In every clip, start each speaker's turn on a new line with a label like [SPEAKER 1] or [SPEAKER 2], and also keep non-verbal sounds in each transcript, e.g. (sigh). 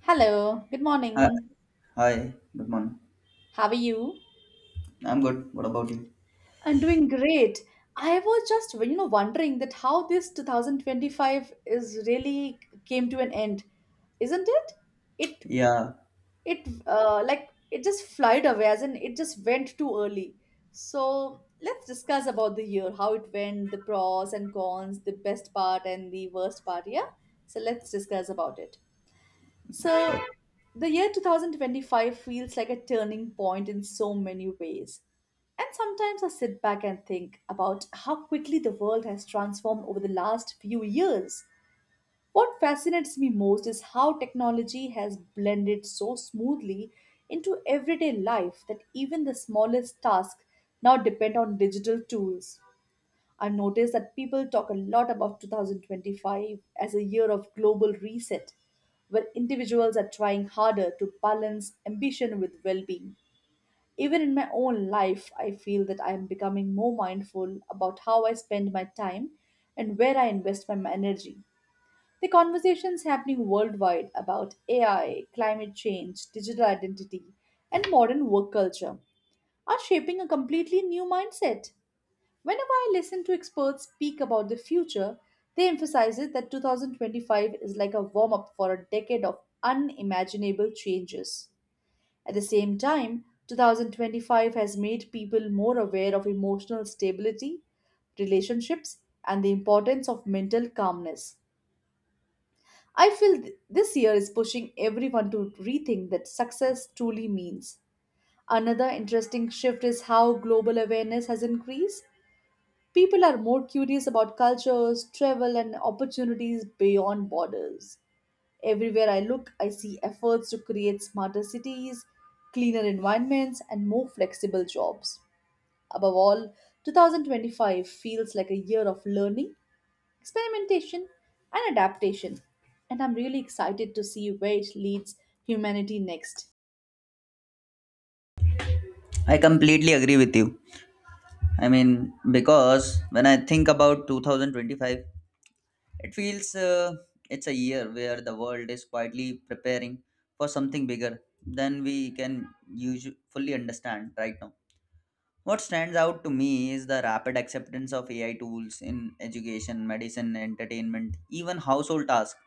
[SPEAKER 1] Hello, good
[SPEAKER 2] Hi,
[SPEAKER 1] morning.
[SPEAKER 2] hi, good morning.
[SPEAKER 1] How are you?
[SPEAKER 2] I'm good. What about you?
[SPEAKER 1] I'm doing great. I was just wondering that how this 2025 is really came to an end, isn't it? It
[SPEAKER 2] Yeah,
[SPEAKER 1] like it just flied away, as in it just went too early. So let's discuss about the year, how it went, the pros and cons, the best part and the worst part. Yeah. So let's discuss about it. So, the year 2025 feels like a turning point in so many ways. And sometimes I sit back and think about how quickly the world has transformed over the last few years. What fascinates me most is how technology has blended so smoothly into everyday life that even the smallest tasks now depend on digital tools. I've noticed that people talk a lot about 2025 as a year of global reset, where individuals are trying harder to balance ambition with well being. Even in my own life, I feel that I am becoming more mindful about how I spend my time and where I invest my energy. The conversations happening worldwide about AI, climate change, digital identity, and modern work culture are shaping a completely new mindset. Whenever I listen to experts speak about the future, they emphasize it that 2025 is like a warm up for a decade of unimaginable changes. At the same time, 2025 has made people more aware of emotional stability, relationships, and the importance of mental calmness. I feel this year is pushing everyone to rethink that success truly means. Another interesting shift is how global awareness has increased. People are more curious about cultures, travel, and opportunities beyond borders. Everywhere I look, I see efforts to create smarter cities, cleaner environments, and more flexible jobs. Above all, 2025 feels like a year of learning, experimentation, and adaptation, and I'm really excited to see where it leads humanity next.
[SPEAKER 2] I completely agree with you. I mean, because when I think about 2025, it feels uh, it's a year where the world is quietly preparing for something bigger than we can usually fully understand right now. What stands out to me is the rapid acceptance of AI tools in education, medicine, entertainment, even household tasks,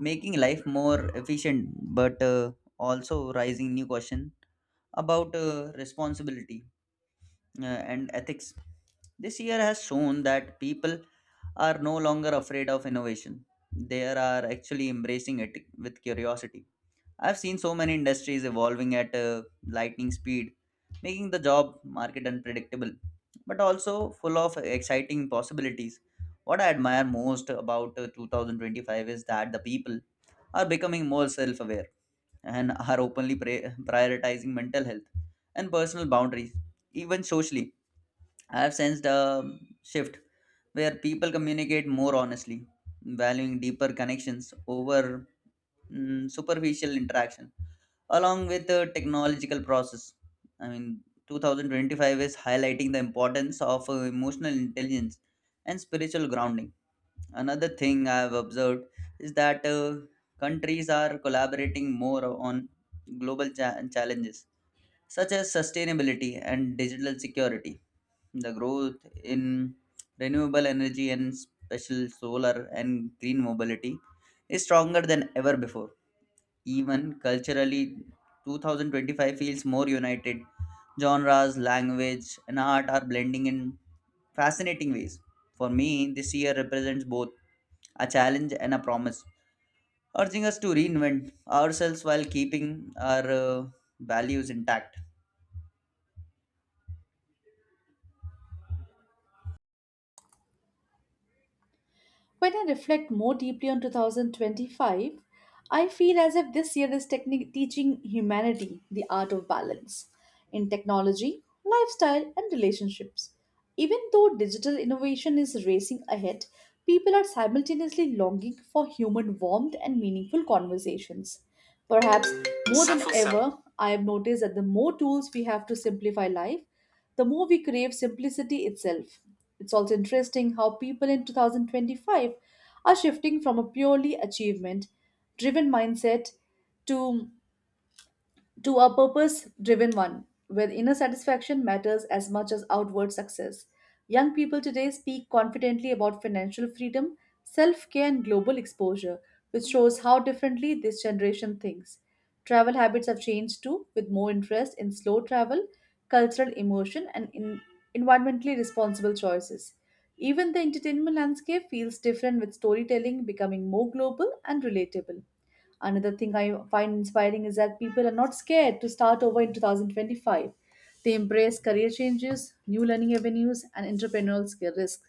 [SPEAKER 2] making life more efficient but also raising new questions about responsibility uh, and ethics. This year has shown that people are no longer afraid of innovation. They are actually embracing it with curiosity. I've seen so many industries evolving at a lightning speed, making the job market unpredictable, but also full of exciting possibilities. What I admire most about 2025 is that the people are becoming more self aware and are openly prioritizing mental health and personal boundaries. Even socially, I have sensed a shift where people communicate more honestly, valuing deeper connections over superficial interactions along with the technological process. I mean, 2025 is highlighting the importance of emotional intelligence and spiritual grounding. Another thing I have observed is that countries are collaborating more on global challenges such as sustainability and digital security. The growth in renewable energy and special solar and green mobility is stronger than ever before. Even culturally, 2025 feels more united. Genres, language, and art are blending in fascinating ways. For me, this year represents both a challenge and a promise, urging us to reinvent ourselves while keeping our values intact.
[SPEAKER 1] When I reflect more deeply on 2025, I feel as if this year is teaching humanity the art of balance in technology, lifestyle, and relationships. Even though digital innovation is racing ahead, people are simultaneously longing for human warmth and meaningful conversations. Perhaps more than ever, I have noticed that the more tools we have to simplify life, the more we crave simplicity itself. It's also interesting how people in 2025 are shifting from a purely achievement driven mindset to to a purpose driven one, where inner satisfaction matters as much as outward success. Young people today speak confidently about financial freedom, self care, and global exposure, which shows how differently this generation thinks. Travel habits have changed too, with more interest in slow travel, cultural immersion, and in environmentally responsible choices. Even the entertainment landscape feels different with storytelling becoming more global and relatable. Another thing I find inspiring is that people are not scared to start over in 2025. They embrace career changes, new learning avenues, and entrepreneurial skill risks.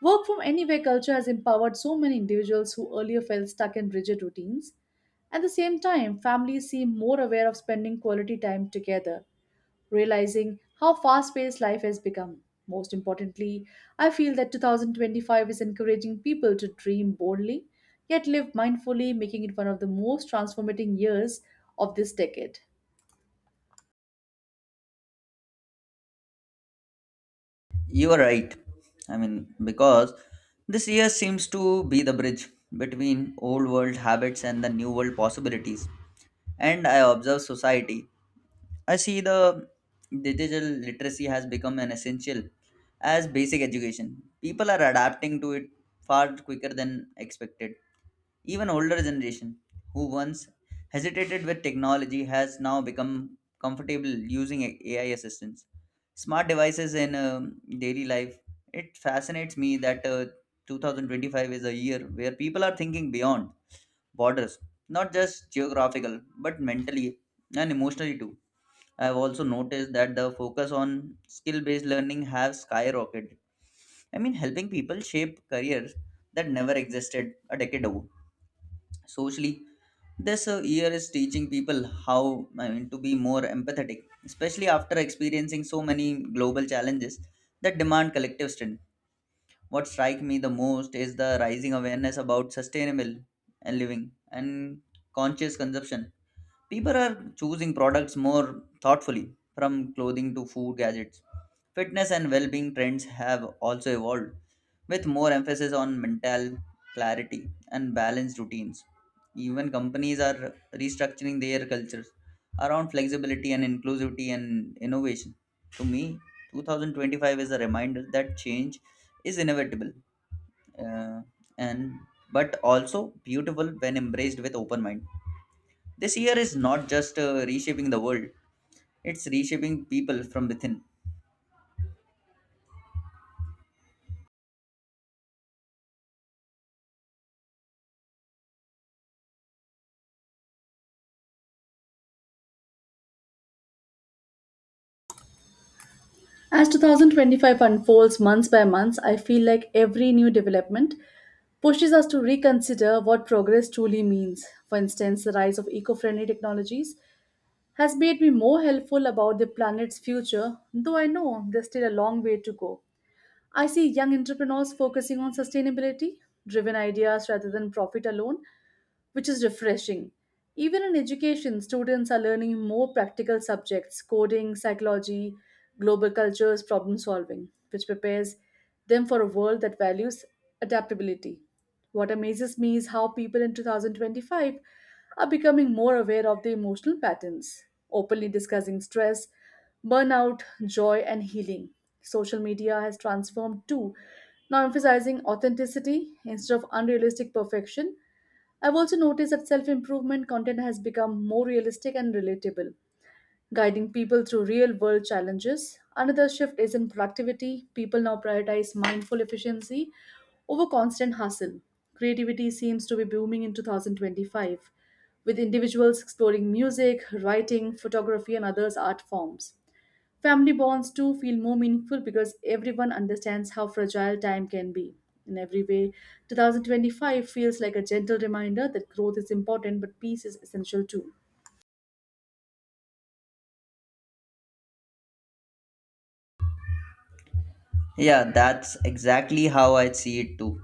[SPEAKER 1] Work from anywhere culture has empowered so many individuals who earlier felt stuck in rigid routines. At the same time, families seem more aware of spending quality time together realizing how fast paced life has become. Most importantly, I feel that 2025 is encouraging people to dream boldly, yet live mindfully, making it one of the most transformating years of this decade.
[SPEAKER 2] You are right. I mean, because this year seems to be the bridge between old world habits and the new world possibilities. And I observe society. I see the digital literacy has become an essential as basic education. People are adapting to it far quicker than expected. Even older generation who once hesitated with technology has now become comfortable using AI assistants. Smart devices in daily life. It fascinates me that 2025 is a year where people are thinking beyond borders, not just geographical, but mentally and emotionally too. I've also noticed that the focus on skill based learning has skyrocketed. I mean, helping people shape careers that never existed a decade ago. Socially, this year is teaching people how, I mean, to be more empathetic, especially after experiencing so many global challenges that demand collective strength. What strikes me the most is the rising awareness about sustainable and living and conscious consumption. People are choosing products more thoughtfully, from clothing to food gadgets. Fitness and well being trends have also evolved, with more emphasis on mental clarity and balanced routines. Even companies are restructuring their cultures around flexibility and inclusivity and innovation. To me, 2025 is a reminder that change is inevitable uh, and but also beautiful when embraced with open mind. This year is not just reshaping the world, it's reshaping people from within.
[SPEAKER 1] As 2025 unfolds month by month, I feel like every new development pushes us to reconsider what progress truly means. For instance, the rise of eco friendly technologies has made me more helpful about the planet's future, though I know there's still a long way to go. I see young entrepreneurs focusing on sustainability driven ideas rather than profit alone, which is refreshing. Even in education, students are learning more practical subjects coding, psychology, global cultures, problem solving, which prepares them for a world that values adaptability. What amazes me is how people in 2025 are becoming more aware of their emotional patterns, openly discussing stress, burnout, joy, and healing. Social media has transformed too, now emphasizing authenticity instead of unrealistic perfection. I've also noticed that self improvement content has become more realistic and relatable, guiding people through real world challenges. Another shift is in productivity. People now prioritize mindful efficiency over constant hustle. Creativity seems to be booming in 2025, with individuals exploring music, writing, photography, and others art forms. Family bonds too feel more meaningful because everyone understands how fragile time can be. In every way, 2025 feels like a gentle reminder that growth is important but peace is essential too.
[SPEAKER 2] Yeah, that's exactly how I see it too.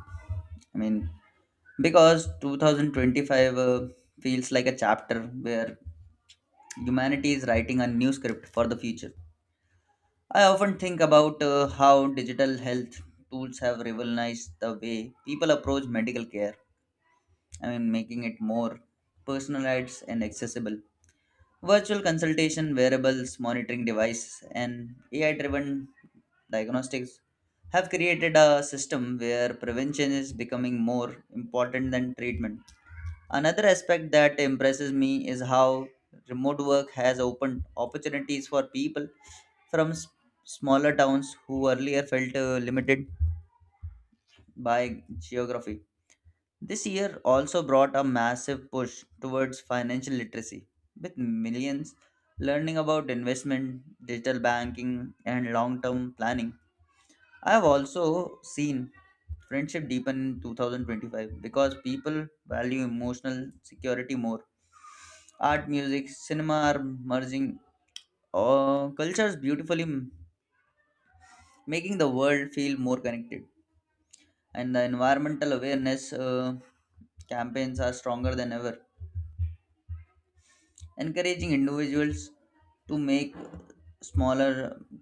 [SPEAKER 2] I mean, because 2025 feels like a chapter where humanity is writing a new script for the future. I often think about how digital health tools have revolutionized the way people approach medical care. I mean, making it more personalized and accessible. Virtual consultation, wearables, monitoring devices, and AI driven diagnostics have created a system where prevention is becoming more important than treatment. Another aspect that impresses me is how remote work has opened opportunities for people from smaller towns who earlier felt limited by geography. This year also brought a massive push towards financial literacy, with millions learning about investment, digital banking, and long term planning. I have also seen friendship deepen in 2025 because people value emotional security more. Art, music, cinema are merging cultures beautifully, making the world feel more connected. And the environmental awareness campaigns are stronger than ever, encouraging individuals to make smaller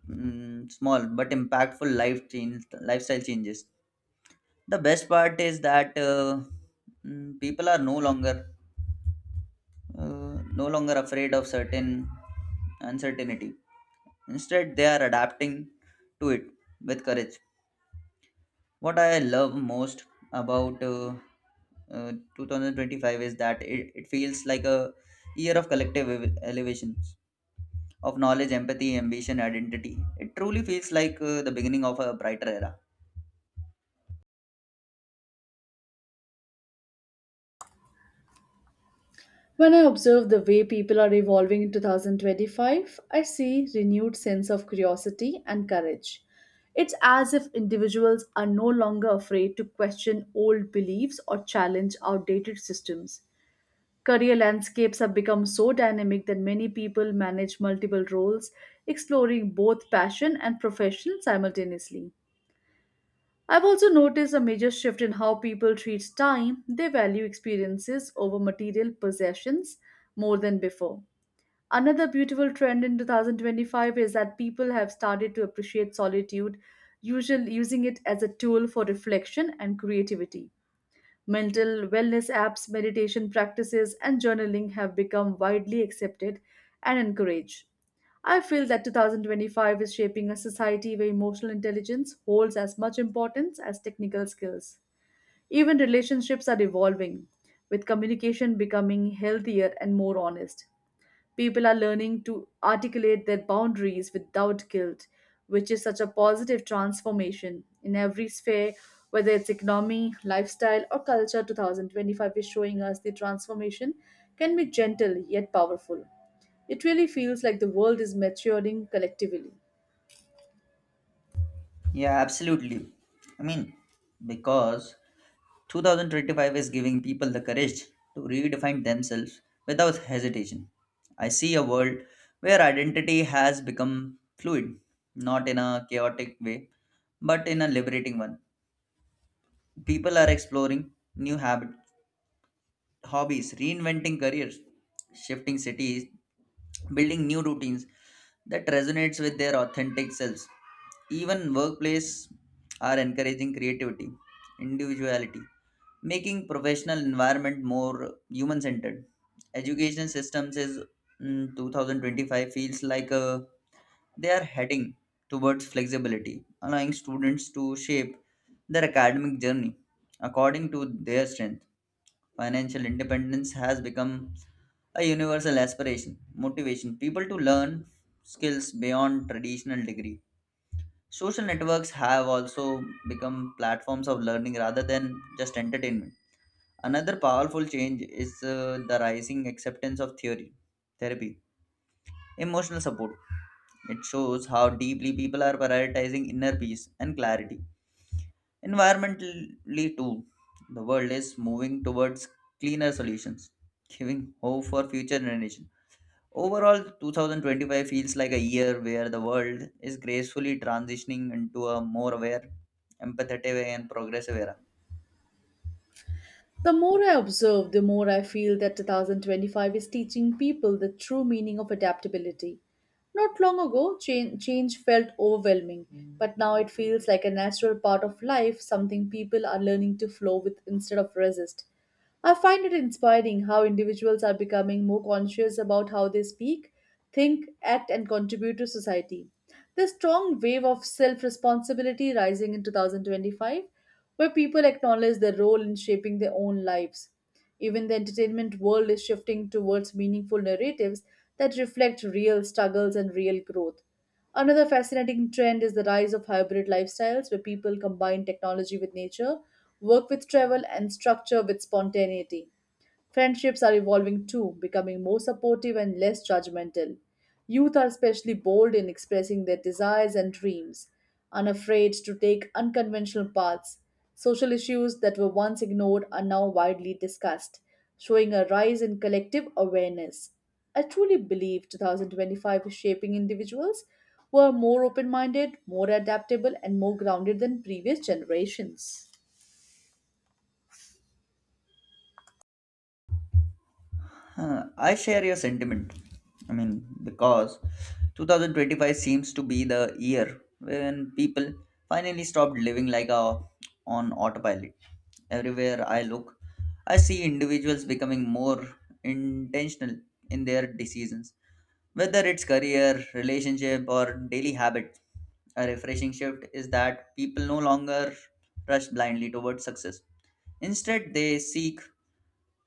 [SPEAKER 2] small but impactful lifestyle changes. The best part is that people are uh, no longer afraid of certain uncertainty. Instead they are adapting to it with courage. What I love most about uh, 2025 is that it feels like a year of collective elevation of knowledge, empathy, ambition, identity. It truly feels like the beginning of a brighter era.
[SPEAKER 1] When I observe the way people are evolving in 2025, I see renewed sense of curiosity and courage. It's as if individuals are no longer afraid to question old beliefs or challenge outdated systems. Career landscapes have become so dynamic that many people manage multiple roles, exploring both passion and profession simultaneously. I've also noticed a major shift in how people treat time. They value experiences over material possessions more than before. Another beautiful trend in 2025 is that people have started to appreciate solitude, usually using it as a tool for reflection and creativity. Mental wellness apps, meditation practices, and journaling have become widely accepted and encouraged. I feel that 2025 is shaping a society where emotional intelligence holds as much importance as technical skills. Even relationships are evolving, with communication becoming healthier and more honest. People are learning to articulate their boundaries without guilt, which is such a positive transformation in every sphere, whether it's economy, lifestyle, or culture. 2025 is showing us the transformation can be gentle yet powerful. It really feels like the world is maturing collectively.
[SPEAKER 2] Yeah, absolutely. I mean, because 2025 is giving people the courage to redefine themselves without hesitation. I see a world where identity has become fluid, not in a chaotic way, but in a liberating one. People are exploring new habits, hobbies, reinventing careers, shifting cities, building new routines that resonates with their authentic selves. Even workplace are encouraging creativity, individuality, making professional environment more human centered. Education systems is mm, 2025 feels like a, they are heading towards flexibility, allowing students to shape their academic journey according to their strength. Financial independence has become a universal aspiration, motivation people to learn skills beyond traditional degree. Social networks have also become platforms of learning rather than just entertainment. Another powerful change is the rising acceptance of therapy, emotional support. It shows how deeply people are prioritizing inner peace and clarity. Environmentally, too, the world is moving towards cleaner solutions, giving hope for future generations. Overall, 2025 feels like a year where the world is gracefully transitioning into a more aware, empathetic, and progressive era.
[SPEAKER 1] The more I observe, the more I feel that 2025 is teaching people the true meaning of adaptability. Not long ago, change felt overwhelming, but now it feels like a natural part of life, something people are learning to flow with instead of resist. I find it inspiring how individuals are becoming more conscious about how they speak, think, act, and contribute to society. The strong wave of self responsibility rising in 2025, where people acknowledge their role in shaping their own lives. Even the entertainment world is shifting towards meaningful narratives that reflect real struggles and real growth. Another fascinating trend is the rise of hybrid lifestyles where people combine technology with nature, work with travel, and structure with spontaneity. Friendships are evolving too, becoming more supportive and less judgmental. Youth are especially bold in expressing their desires and dreams, unafraid to take unconventional paths. Social issues that were once ignored are now widely discussed, showing a rise in collective awareness. I truly believe 2025 is shaping individuals who are more open minded, more adaptable, and more grounded than previous generations.
[SPEAKER 2] Huh, I share your sentiment. I mean, because 2025 seems to be the year when people finally stopped living like on autopilot. Everywhere I look, I see individuals becoming more intentional in their decisions, whether it's career, relationship, or daily habit. A refreshing shift is that people no longer rush blindly towards success. Instead, they seek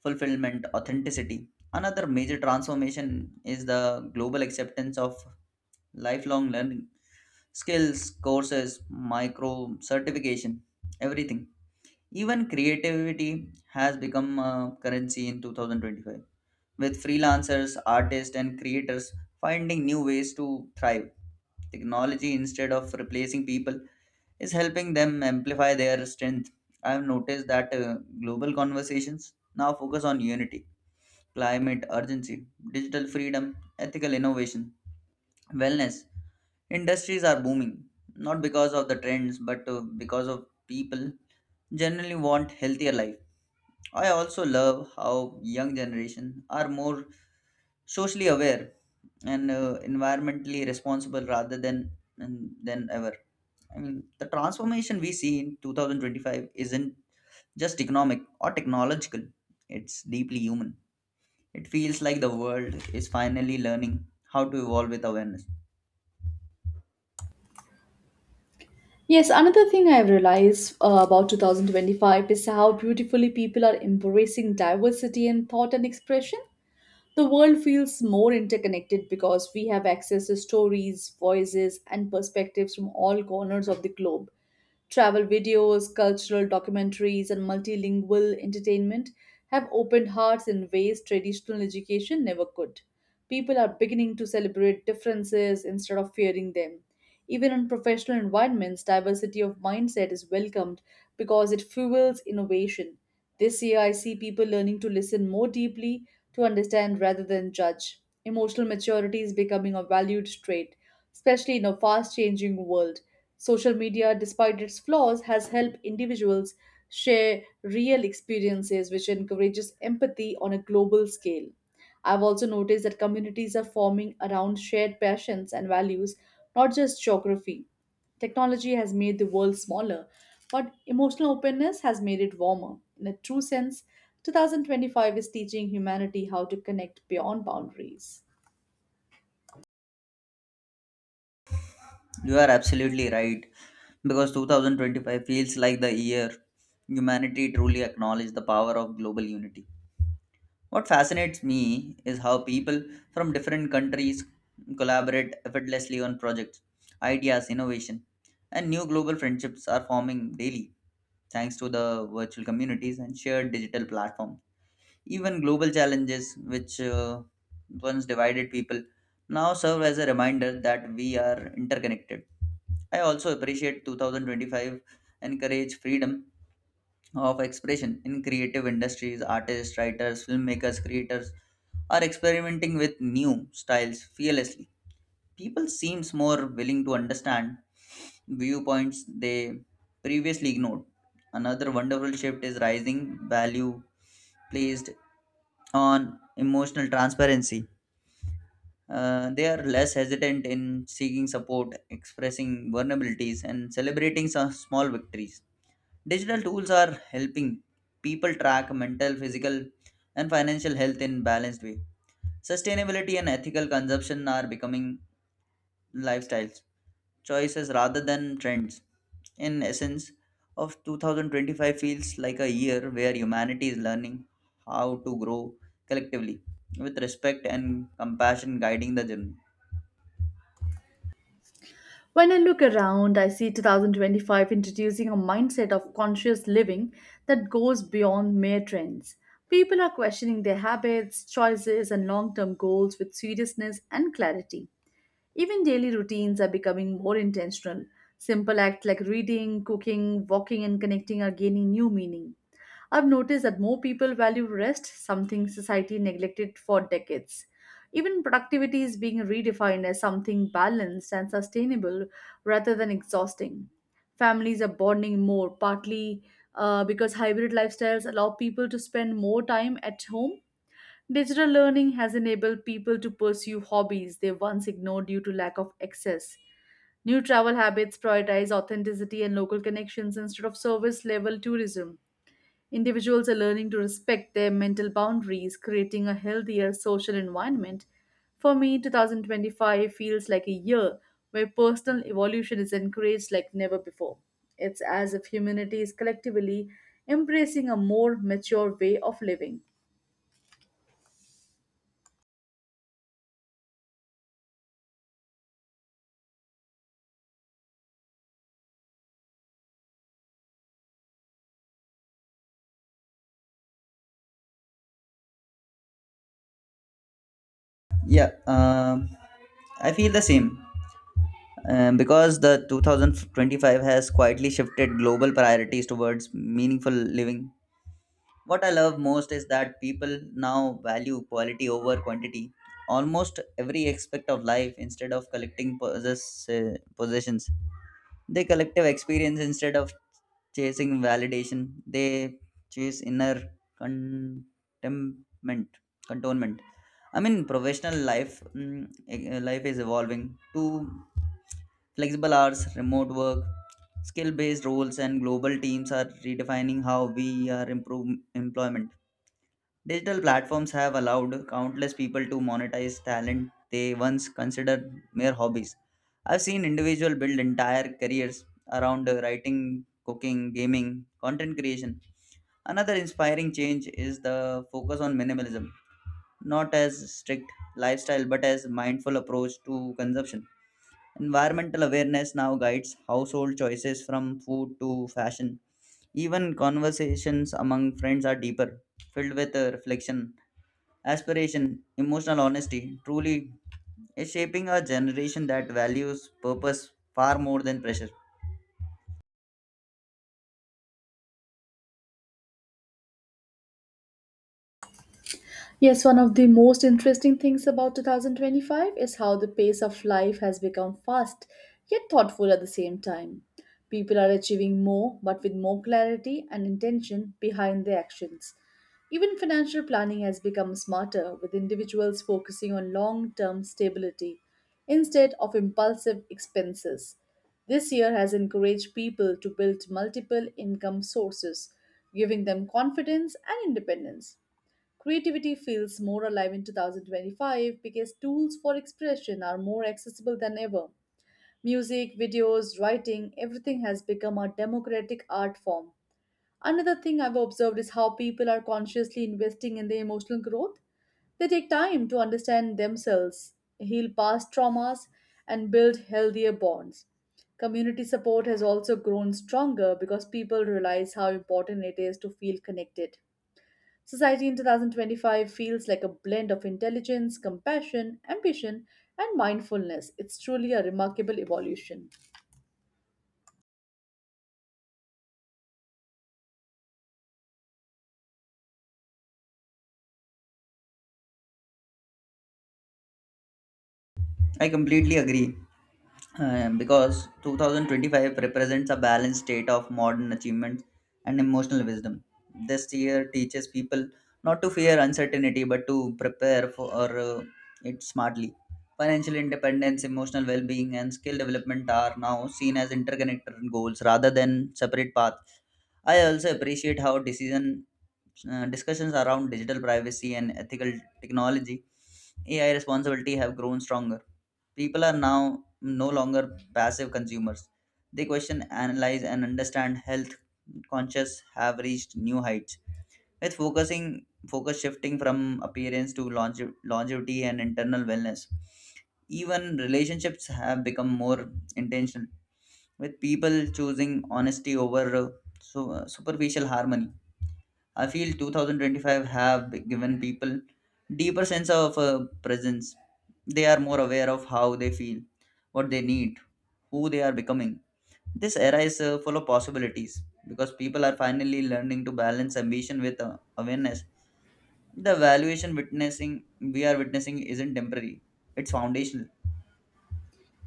[SPEAKER 2] fulfillment, authenticity. Another major transformation is the global acceptance of lifelong learning, skills, courses, micro certification, everything. Even creativity has become a currency in 2025, with freelancers, artists, and creators finding new ways to thrive. Technology, instead of replacing people, is helping them amplify their strength. I've noticed that global conversations now focus on unity, climate urgency, digital freedom, ethical innovation, wellness. Industries are booming, not because of the trends, but because of people generally want healthier life. I also love how young generation are more socially aware and environmentally responsible rather than ever. I mean, the transformation we see in 2025 isn't just economic or technological; it's deeply human. It feels like the world is finally learning how to evolve with awareness.
[SPEAKER 1] Yes, another thing I've realized about 2025 is how beautifully people are embracing diversity in thought and expression. The world feels more interconnected because we have access to stories, voices, and perspectives from all corners of the globe. Travel videos, cultural documentaries, and multilingual entertainment have opened hearts in ways traditional education never could. People are beginning to celebrate differences instead of fearing them. Even in professional environments, diversity of mindset is welcomed because it fuels innovation. This year, I see people learning to listen more deeply, to understand rather than judge. Emotional maturity is becoming a valued trait, especially in a fast changing world. Social media, despite its flaws, has helped individuals share real experiences, which encourages empathy on a global scale. I've also noticed that communities are forming around shared passions and values, not just geography. Technology has made the world smaller, but emotional openness has made it warmer. In a true sense, 2025 is teaching humanity how to connect beyond boundaries.
[SPEAKER 2] You are absolutely right because 2025 feels like the year humanity truly acknowledged the power of global unity. What fascinates me is how people from different countries collaborate effortlessly on projects, ideas, innovation, and new global friendships are forming daily thanks to the virtual communities and shared digital platforms. Even global challenges, which once divided people, now serve as a reminder that we are interconnected. I also appreciate 2025 encourage freedom of expression in creative industries. Artists, writers, filmmakers, creators are experimenting with new styles fearlessly. People seems more willing to understand viewpoints they previously ignored. Another wonderful shift is rising value placed on emotional transparency. They are less hesitant in seeking support, expressing vulnerabilities, and celebrating some small victories. Digital tools are helping people track mental, physical, and financial health in balanced way. Sustainability and ethical consumption are becoming lifestyles choices rather than trends. In essence, of 2025 feels like a year where humanity is learning how to grow collectively with respect and compassion guiding the journey.
[SPEAKER 1] When I look around, I see 2025 introducing a mindset of conscious living that goes beyond mere trends. People are questioning their habits, choices, and long term goals with seriousness and clarity. Even daily routines are becoming more intentional. Simple acts like reading, cooking, walking, and connecting are gaining new meaning. I've noticed that more people value rest, something society neglected for decades. Even productivity is being redefined as something balanced and sustainable rather than exhausting. Families are bonding more, partly because hybrid lifestyles allow people to spend more time at home. Digital learning has enabled people to pursue hobbies they once ignored due to lack of access. New travel habits prioritize authenticity and local connections instead of service level tourism. Individuals are learning to respect their mental boundaries, creating a healthier social environment. For me, 2025 feels like a year where personal evolution is encouraged like never before. It's as if humanity is collectively embracing a more mature way of living.
[SPEAKER 2] Yeah, I feel the same. Because the 2025 has quietly shifted global priorities towards meaningful living. What I love most is that people now value quality over quantity. Almost every aspect of life, instead of collecting possessions, they collective experience instead of chasing validation. They chase inner contentment. Contentment. I mean, professional life is evolving to flexible hours, remote work, skill based roles, and global teams are redefining how we are improve employment. Digital platforms have allowed countless people to monetize talent they once considered mere hobbies. I've seen individuals build entire careers around writing, cooking, gaming, content creation. Another inspiring change is the focus on minimalism, not as strict lifestyle but as mindful approach to consumption. Environmental awareness now guides household choices from food to fashion. Even conversations among friends are deeper, filled with reflection, aspiration, emotional honesty. Truly, is shaping a generation that values purpose far more than pressure.
[SPEAKER 1] Yes, one of the most interesting things about 2025 is how the pace of life has become fast yet thoughtful at the same time. People are achieving more but with more clarity and intention behind their actions. Even financial planning has become smarter with individuals focusing on long term stability instead of impulsive expenses. This year has encouraged people to build multiple income sources, giving them confidence and independence. Creativity feels more alive in 2025 because tools for expression are more accessible than ever. Music, videos, writing, everything has become a democratic art form. Another thing I've observed is how people are consciously investing in their emotional growth. They take time to understand themselves, heal past traumas, and build healthier bonds. Community support has also grown stronger because people realize how important it is to feel connected. Society in 2025 feels like a blend of intelligence, compassion, ambition, and mindfulness. It's truly a remarkable evolution.
[SPEAKER 2] I completely agree. Because 2025 represents a balanced state of modern achievements and emotional wisdom. This year teaches people not to fear uncertainty but to prepare for uh, it smartly. Financial independence, emotional well being, and skill development are now seen as interconnected goals rather than separate paths. I also appreciate how decision discussions around digital privacy and ethical technology, AI responsibility have grown stronger. People are now no longer passive consumers. They question, analyze, and understand. Health conscious have reached new heights. With focus shifting from appearance to longevity and internal wellness. Even relationships have become more intentional, with people choosing honesty over superficial harmony. I feel 2025 have given people deeper sense of presence. They are more aware of how they feel, what they need, who they are becoming. This era is full of possibilities because people are finally learning to balance ambition with awareness. The valuation witnessing we are witnessing isn't temporary; it's foundational.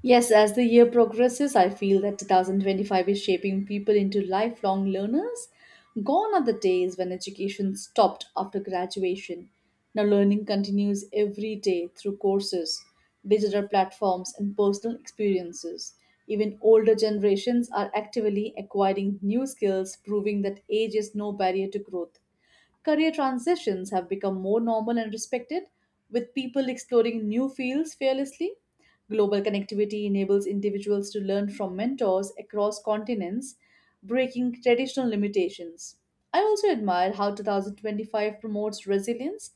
[SPEAKER 1] Yes, as the year progresses, I feel that 2025 is shaping people into lifelong learners. Gone are the days when education stopped after graduation. Now, learning continues every day through courses, digital platforms, and personal experiences. Even older generations are actively acquiring new skills, proving that age is no barrier to growth. Career transitions have become more normal and respected, with people exploring new fields fearlessly. Global connectivity enables individuals to learn from mentors across continents, breaking traditional limitations. I also admire how 2025 promotes resilience.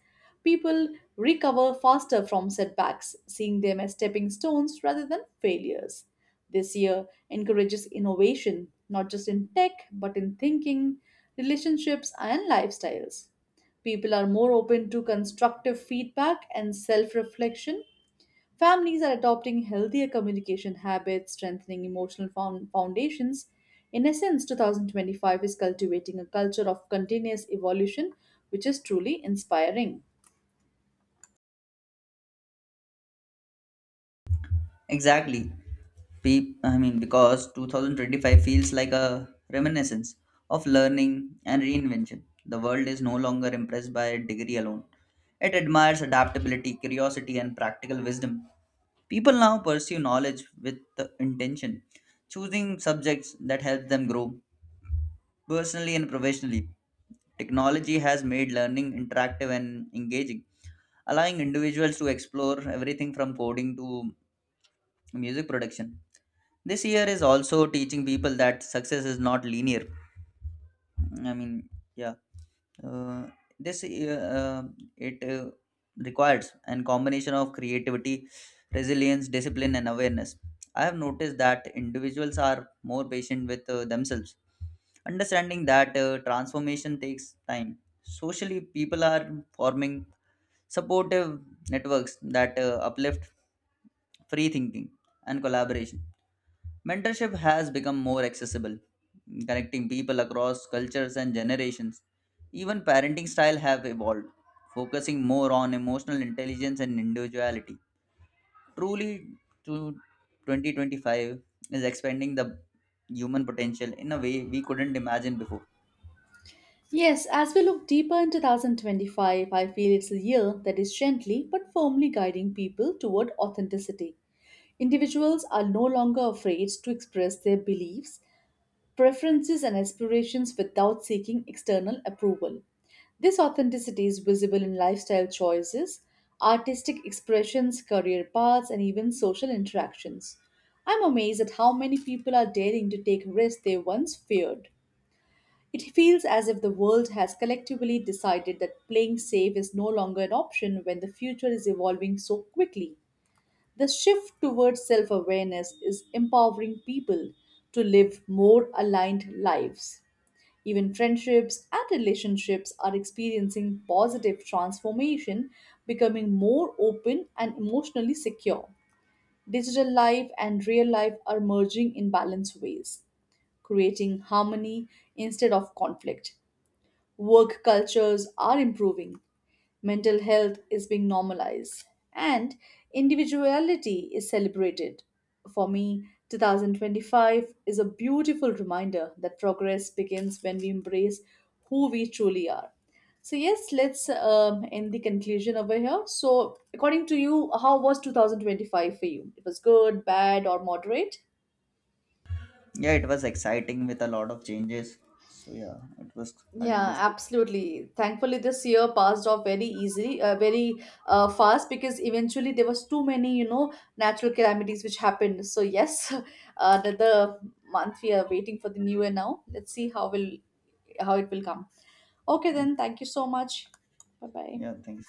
[SPEAKER 1] People recover faster from setbacks, seeing them as stepping stones rather than failures. This year encourages innovation, not just in tech, but in thinking, relationships, and lifestyles. People are more open to constructive feedback and self reflection. Families are adopting healthier communication habits, strengthening emotional foundations. In essence, 2025 is cultivating a culture of continuous evolution, which is truly inspiring.
[SPEAKER 2] Exactly. I mean, because 2025 feels like a reminiscence of learning and reinvention. The world is no longer impressed by degree alone. It admires adaptability, curiosity, and practical wisdom. People now pursue knowledge with the intention, choosing subjects that help them grow personally and professionally. Technology has made learning interactive and engaging, allowing individuals to explore everything from coding to music production. This year is also teaching people that success is not linear. I mean, yeah, uh, this year, it requires an combination of creativity, resilience, discipline, and awareness. I have noticed that individuals are more patient with themselves, understanding that transformation takes time. Socially, people are forming supportive networks that uplift free thinking and collaboration. Mentorship has become more accessible, connecting people across cultures and generations. Even parenting style have evolved, focusing more on emotional intelligence and individuality. Truly, to 2025 is expanding the human potential in a way we couldn't imagine before.
[SPEAKER 1] Yes, as we look deeper in 2025, I feel it's a year that is gently but firmly guiding people toward authenticity. Individuals are no longer afraid to express their beliefs, preferences and aspirations without seeking external approval. This authenticity is visible in lifestyle choices, artistic expressions, career paths, and even social interactions. I'm amazed at how many people are daring to take risks they once feared. It feels as if the world has collectively decided that playing safe is no longer an option when the future is evolving so quickly. The shift towards self awareness is empowering people to live more aligned lives. Even friendships and relationships are experiencing positive transformation, becoming more open and emotionally secure. Digital life and real life are merging in balanced ways, creating harmony instead of conflict. Work cultures are improving, mental health is being normalized, and individuality is celebrated. For me, 2025 is a beautiful reminder that progress begins when we embrace who we truly are. So, yes, let's end the conclusion over here. So, according to you, how was 2025 for you? It was good, bad, or moderate?
[SPEAKER 2] Yeah, it was exciting with a lot of changes. So yeah, it was
[SPEAKER 1] Yeah,
[SPEAKER 2] kind of
[SPEAKER 1] absolutely. Thankfully, this year passed off very easily, very fast because eventually there was too many, natural calamities which happened. So yes, (laughs) another month we are waiting for the new year now. Let's see how it will come. Okay,
[SPEAKER 2] good.
[SPEAKER 1] then. Thank you so much. Bye bye.
[SPEAKER 2] Yeah, thanks.